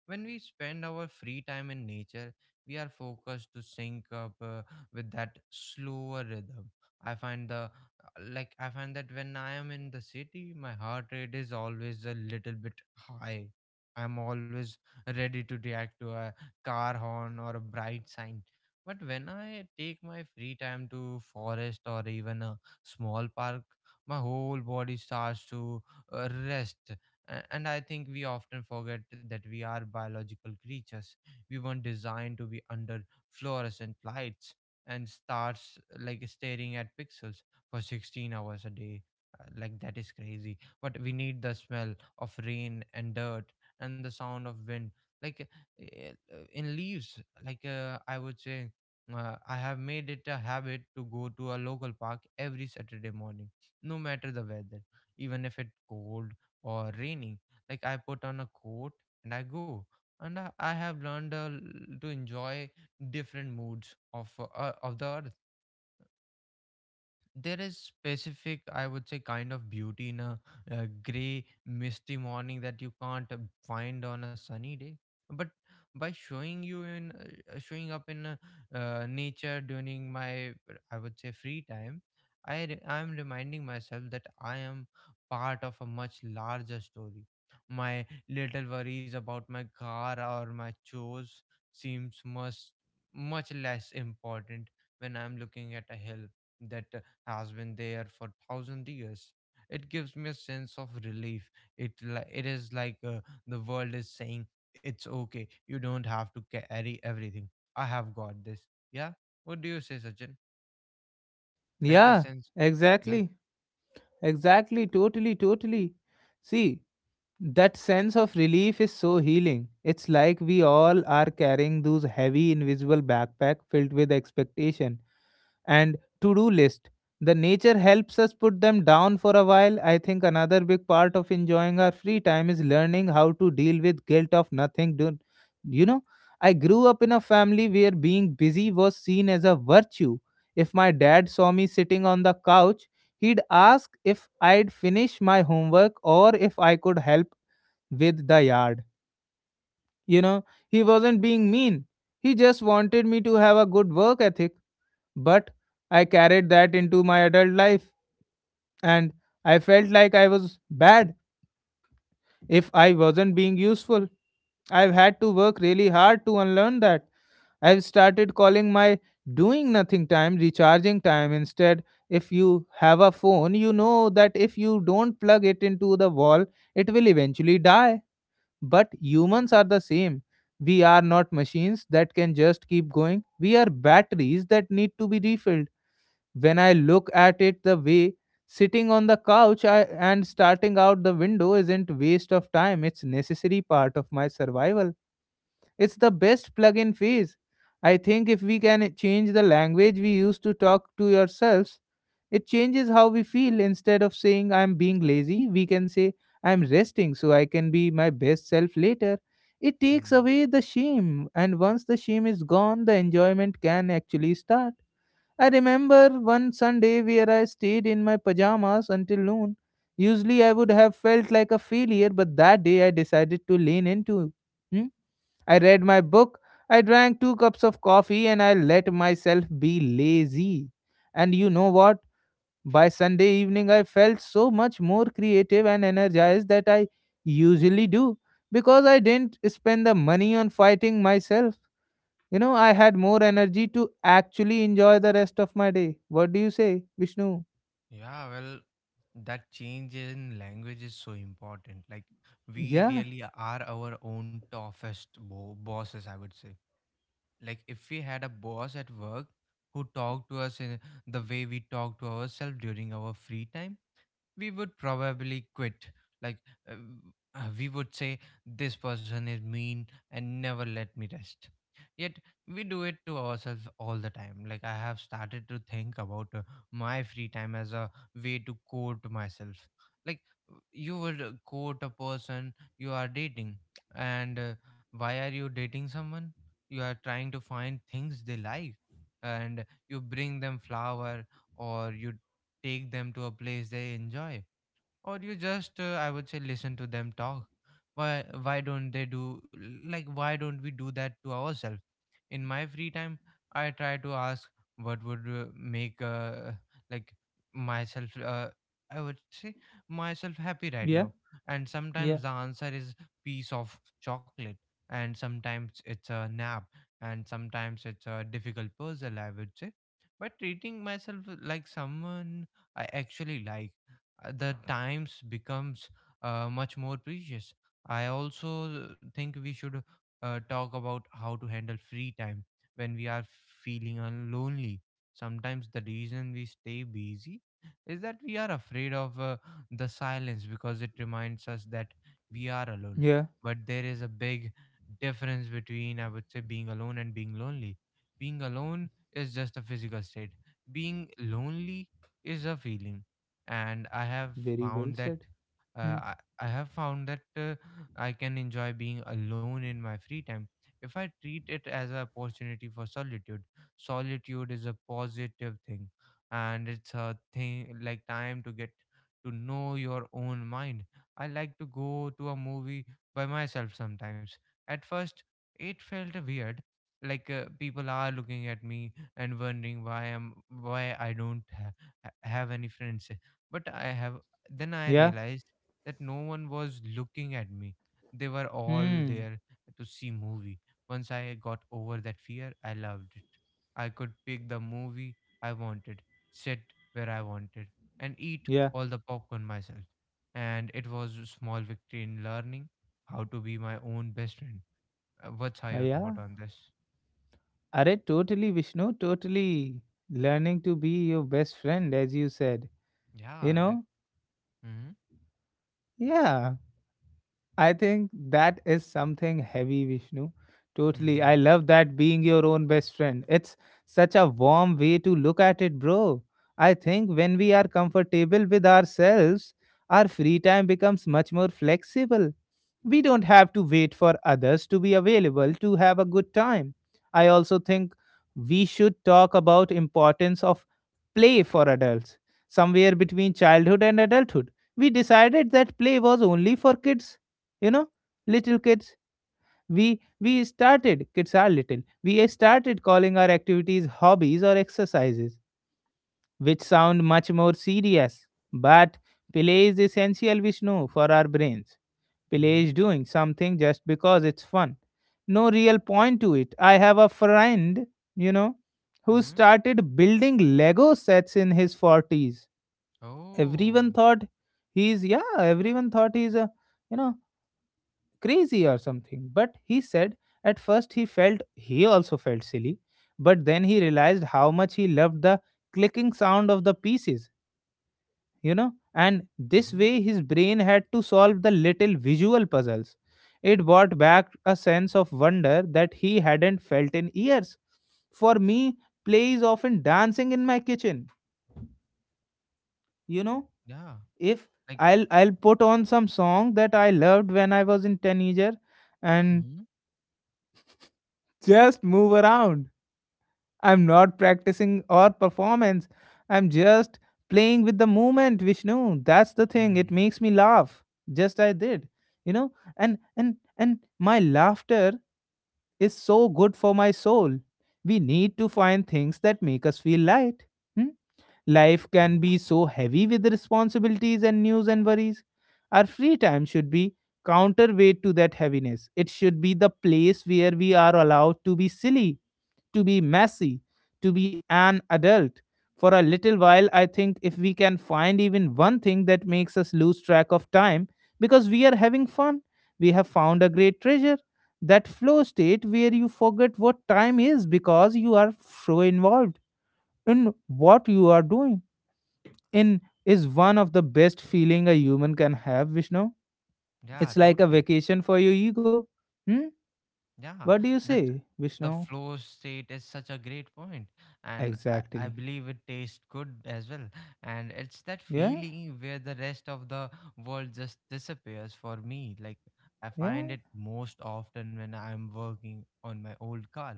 B: When we spend our free time in nature, we are focused to sync up with that slower rhythm. I find the I find that when I am in the city, my heart rate is always a little bit high. I'm always ready to react to a car horn or a bright sign. But when I take my free time to forest or even a small park, my whole body starts to rest. And I think we often forget that we are biological creatures. We weren't designed to be under fluorescent lights and starts like staring at pixels for 16 hours a day. Like that is crazy. But we need the smell of rain and dirt and the sound of wind. In leaves, I would say, I have made it a habit to go to a local park every Saturday morning, no matter the weather, even if it's cold or raining. Like I put on a coat and I go. And I have learned to enjoy different moods of the earth. There is specific, I would say, kind of beauty in a gray misty morning that you can't find on a sunny day. But by showing you in showing up in nature during my, I would say, free time, I'm reminding myself that I am part of a much larger story. My little worries about my car or my chores seems much much less important when I'm looking at a hill that has been there for thousand years. It gives me a sense of relief. It is like the world is saying, it's okay. You don't have to carry everything. I have got this. Yeah. What do you say, Sachin? Like the
A: yeah,
B: sense? Yeah.
A: exactly, exactly, totally, totally. See, that sense of relief is so healing. It's like we all are carrying those heavy invisible backpack filled with expectation and to-do list. The nature helps us put them down for a while. I think another big part of enjoying our free time is learning how to deal with guilt of nothing done. You know, I grew up in a family where being busy was seen as a virtue. If my dad saw me sitting on the couch, he'd ask if I'd finish my homework or if I could help with the yard. You know, he wasn't being mean. He just wanted me to have a good work ethic. But I carried that into my adult life and I felt like I was bad if I wasn't being useful. I've had to work really hard to unlearn that. I've started calling my doing nothing time recharging time instead. If you have a phone, you know that if you don't plug it into the wall, it will eventually die. But humans are the same. We are not machines that can just keep going. We are batteries that need to be refilled. When I look at it the way sitting on the couch and starting out the window isn't waste of time, it's necessary part of my survival. It's the best plug-in phase. I think if we can change the language we use to talk to yourselves, it changes how we feel. Instead of saying I'm being lazy, we can say I'm resting so I can be my best self later. It takes
B: Hmm.
A: away the shame, and once the shame is gone, the enjoyment can actually start. I remember one Sunday where I stayed in my pajamas until noon. Usually I would have felt like a failure, but that day I decided to lean into. Hmm? I read my book, I drank two cups of coffee, and I let myself be lazy. And you know what? By Sunday evening, I felt so much more creative and energized that I usually do because I didn't spend the money on fighting myself. You know, I had more energy to actually enjoy the rest of my day. What do you say, Vishnu?
B: Yeah, well, that change in language is so important. Like, we
A: Yeah,
B: really are our own toughest bo bosses, I would say. Like if we had a boss at work who talked to us in the way we talk to ourselves during our free time, we would probably quit. Like, uh, we would say, this person is mean and never let me rest. Yet, we do it to ourselves all the time. Like, I have started to think about my free time as a way to court myself. Like, you would court a person you are dating, and why are you dating someone? You are trying to find things they like, and you bring them flower, or you take them to a place they enjoy, or you just I would say listen to them talk. Why don't they do, like, why don't we do that to ourselves? In my free time I try to ask, what would make like myself, I would say, myself happy right
A: yeah,
B: now? And
A: yeah,
B: sometimes the answer is piece of chocolate, and sometimes it's a nap, and sometimes it's a difficult puzzle, I would say. But treating myself like someone I actually like, the times becomes much more precious. I also think we should talk about how to handle free time when we are feeling lonely. Sometimes the reason we stay busy is that we are afraid of the silence because it reminds us that we are alone.
A: yeah.
B: But there is a big difference between, I would say, being alone and being lonely. Being alone is just a physical state. Being lonely is a feeling. And
A: Very well
B: found that
A: said.
B: uh,
A: Hmm.
B: I, I have found that I can enjoy being alone in my free time if I treat it as an opportunity for solitude. Solitude is a positive thing, and it's a thing like time to get to know your own mind. I like to go to a movie by myself sometimes. At first it felt weird, like people are looking at me and wondering why I'm, why I don't have any friends. But I have then I
A: Yeah.
B: realized that no one was looking at me. They were all
A: Hmm.
B: there to see movie. Once I got over that fear, I loved it. I could pick the movie I wanted, sit where I wanted, and eat
A: Yeah.
B: all the popcorn myself. And it was a small victory in learning how to be my own best friend. What's your thought
A: Yeah.
B: on this?
A: Are totally Vishnu, totally learning to be your best friend, as you said. You
B: Yeah, like,
A: know?
B: mm-hmm,
A: Yeah. I think that is something heavy, Vishnu. Totally.
B: mm-hmm,
A: I love that being your own best friend. It's such a warm way to look at it, bro. I think when we are comfortable with ourselves, our free time becomes much more flexible. We don't have to wait for others to be available to have a good time. I also think we should talk about importance of play for adults. Somewhere between childhood and adulthood, we decided that play was only for kids, you know little kids. We we started kids are little we started calling our activities hobbies or exercises which sound much more serious. But play is essential, Vishnu, for our brains. Play
B: mm-hmm,
A: is doing something just because it's fun, no real point to it. I have a friend, you know, who
B: mm-hmm.
A: started building Lego sets in his 40s.
B: Oh,
A: Everyone thought he's, yeah, everyone thought he's a you know crazy or something. But he said at first he also felt silly, but then he realized how much he loved the clicking sound of the pieces. And this
B: mm-hmm,
A: way, his brain had to solve the little visual puzzles. It brought back a sense of wonder that he hadn't felt in years. For me, play is often dancing in my kitchen, you know.
B: yeah.
A: If
B: Like.
A: I'll I'll put on some song that I loved when I was in teenager and
B: Mhm.
A: just move around. I'm not practicing or performance. I'm just playing with the movement, Vishnu. That's the thing. It
B: Mm,
A: makes me laugh. Just I did. You know? And my laughter is so good for my soul. We need to find things that make us feel light. Hmm? Life can
B: mm.
A: be so heavy with responsibilities and news and worries. Our free time should be counterweight to that heaviness. It should be the place where we are allowed to be silly to be messy, to be an adult. For a little while, I think if we can find even one thing that makes us lose track of time because we are having fun, we have found a great treasure. That flow state where you forget what time is because you are so involved in what you are doing in is one of the best feeling a human can have, Vishnu.
B: Yeah,
A: It's like a
B: totally.
A: vacation for your ego. Hmm?
B: Yeah,
A: What do you
B: that
A: say,
B: the
A: Vishnu?
B: flow state is such a great point, and I
A: Exactly.
B: believe it tastes good as well. And it's that
A: Yeah,
B: feeling where the rest of the world just disappears for me. Like I
A: yeah.
B: find it most often when I'm working on my old car.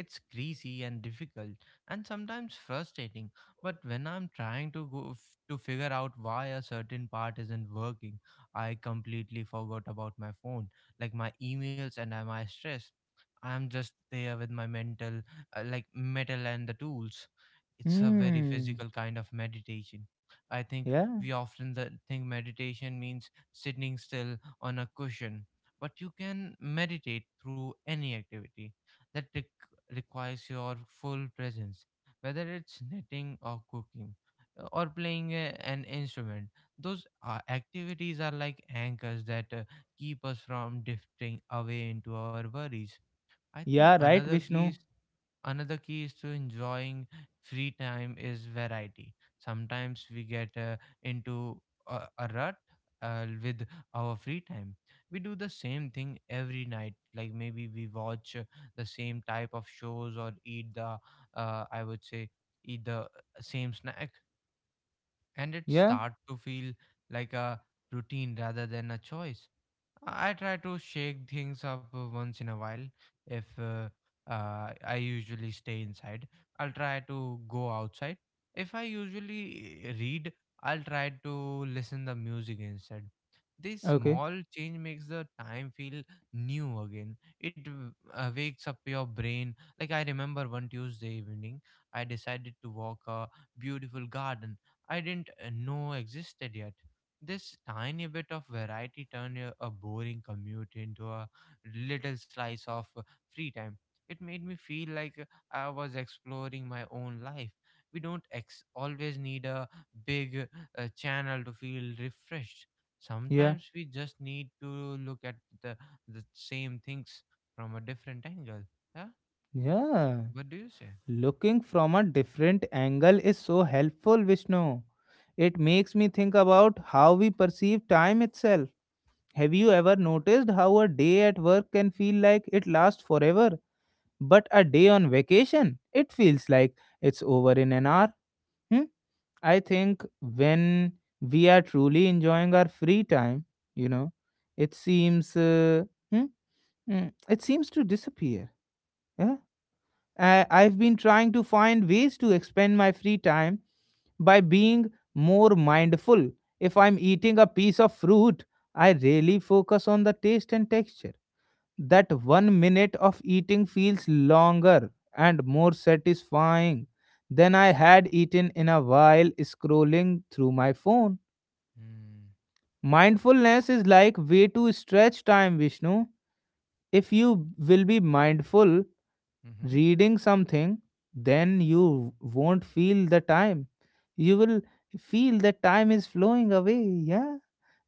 B: It's greasy and difficult and sometimes frustrating, but when I'm trying to figure out why a certain part isn't working, I completely forgot about my phone, like my emails and my stress. I'm just there with my mental like metal and the tools. It's a very
A: Hmm.
B: physical kind of meditation. I think
A: Yeah.
B: we often think meditation means sitting still on a cushion, but you can meditate through any activity that requires your full presence, whether it's knitting or cooking or playing an instrument. Those activities are like anchors that keep us from drifting away into our worries. I think
A: Yeah, right,
B: another key
A: Vishnu.
B: is Another key is to enjoying free time is variety. Sometimes we get into a rut with our free time. We do the same thing every night. Like maybe we watch the same type of shows or eat I would say, eat the same snack. And it
A: Yeah.
B: start to feel like a routine rather than a choice. I try to shake things up once in a while. If I usually stay inside, I'll try to go outside. If I usually read, I'll try to listen the music instead. This
A: Okay.
B: small change makes the time feel new again. It wakes up your brain. Like I remember one Tuesday evening, I decided to walk a beautiful garden I didn't know existed yet. This tiny bit of variety turned a boring commute into a little slice of free time. It made me feel like I was exploring my own life. We don't always need a big channel to feel refreshed.
A: Yeah.
B: Sometimes we just need to look at the, the same things from a different angle. Yeah?
A: Yeah.
B: What do you say?
A: Looking from a different angle is so helpful, Vishnu. It makes me think about how we perceive time itself. Have you ever noticed how a day at work can feel like it lasts forever, but a day on vacation, it feels like it's over in an hour? Hmm? I think when we are truly enjoying our free time, you know, it seems. Hmm? Mm, it seems to disappear. Yeah, I've been trying to find ways to expend my free time by being more mindful. If I'm eating a piece of fruit, I really focus on the taste and texture. That 1 minute of eating feels longer and more satisfying than I had eaten in a while scrolling through my phone.
B: Mm.
A: Mindfulness is like way to stretch time, Vishnu. If you will be mindful
B: Mm-hmm.
A: reading something, then you won't feel the time. You will feel that time is flowing away. Yeah.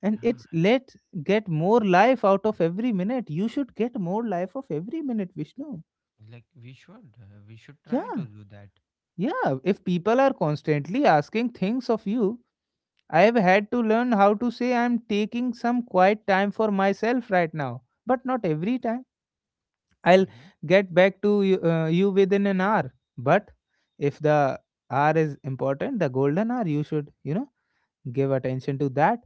A: And it's
B: Yeah,
A: let get more life out of every minute. You should get more life of every minute, Vishnu.
B: yeah, like we should
A: Yeah.
B: try to do that.
A: Yeah. If people are constantly asking things of you, I have had to learn how to say I'm taking some quiet time for myself right now, but not every time. I'll
B: Mm-hmm.
A: get back to you within an hour. But if the hour is important, the golden hour, you should give attention to that.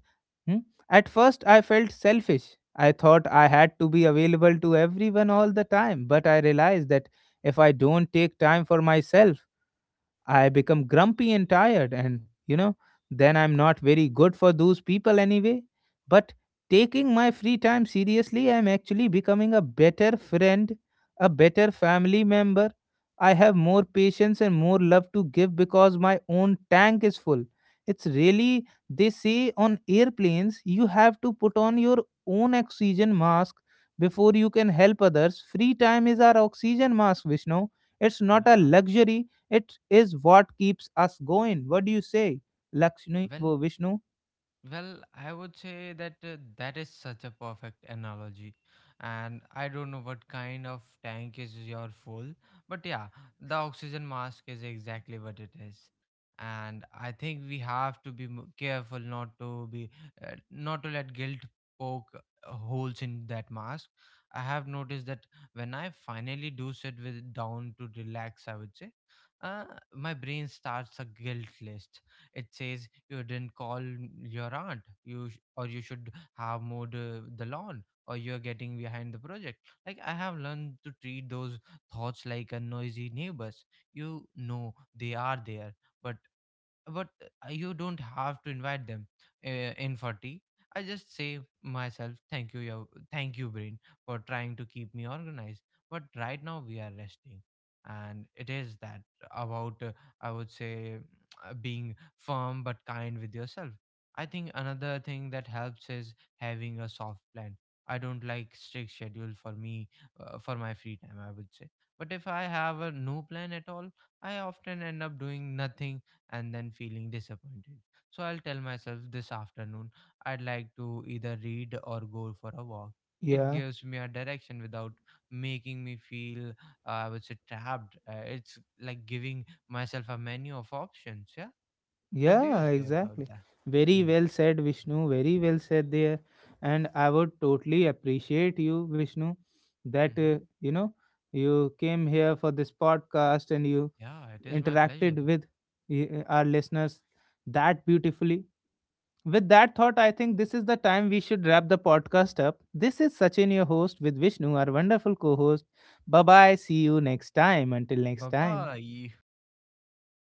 A: Hmm? At first, I felt selfish. I thought I had to be available to everyone all the time, but I realized that if I don't take time for myself, I become grumpy and tired, and you know, then I'm not very good for those people anyway. But taking my free time seriously, I'm actually becoming a better friend, a better family member. I have more patience and more love to give because my own tank is full. It's really, they say on airplanes, you have to put on your own oxygen mask before you can help others. Free time is our oxygen mask, Vishnu. It's not a
B: Yeah.
A: luxury, it is what keeps us going. What do you say, Lakshmi?
B: Well,
A: Oh, Vishnu?
B: Well, I would say that that is such a perfect analogy. And I don't know what kind of tank is your full, but yeah, the oxygen mask is exactly what it is. And I think we have to be careful not to be not to let guilt poke holes in that mask. I have noticed that when I finally do sit with down to relax, I would say, uh, my brain starts a guilt list. It says you didn't call your aunt, or you should have mowed the lawn, or you're getting behind the project. Like I have learned to treat those thoughts like a noisy neighbors. You know they are there, but but you don't have to invite them uh, in for tea. I just say myself thank you, your thank you brain, for trying to keep me organized, but right now we are resting. And it is that about I would say being firm but kind with yourself. I think another thing that helps is having a soft plan. I don't like strict schedule for me, for my free time I would say. But if I have a no plan at all, I often end up doing nothing and then feeling disappointed. So I'll tell myself this afternoon I'd like to either read or go for a walk. It
A: Yeah.
B: gives me a direction without making me feel, I would say, trapped. It's like giving myself a menu of options. Yeah. What do you
A: Yeah,
B: say about
A: exactly.
B: that?
A: Very
B: Mm.
A: well said, Vishnu. Very well said there. And I would totally appreciate you, Vishnu, that
B: Mm-hmm.
A: you know you came here for this podcast and you
B: Yeah, it is my pleasure.
A: interacted with our listeners that beautifully. With that thought, I think this is the time we should wrap the podcast up. This is Sachin, your host, with Vishnu, our wonderful co host. Bye bye. See you next time. Until
B: Bye
A: next time.
B: bye.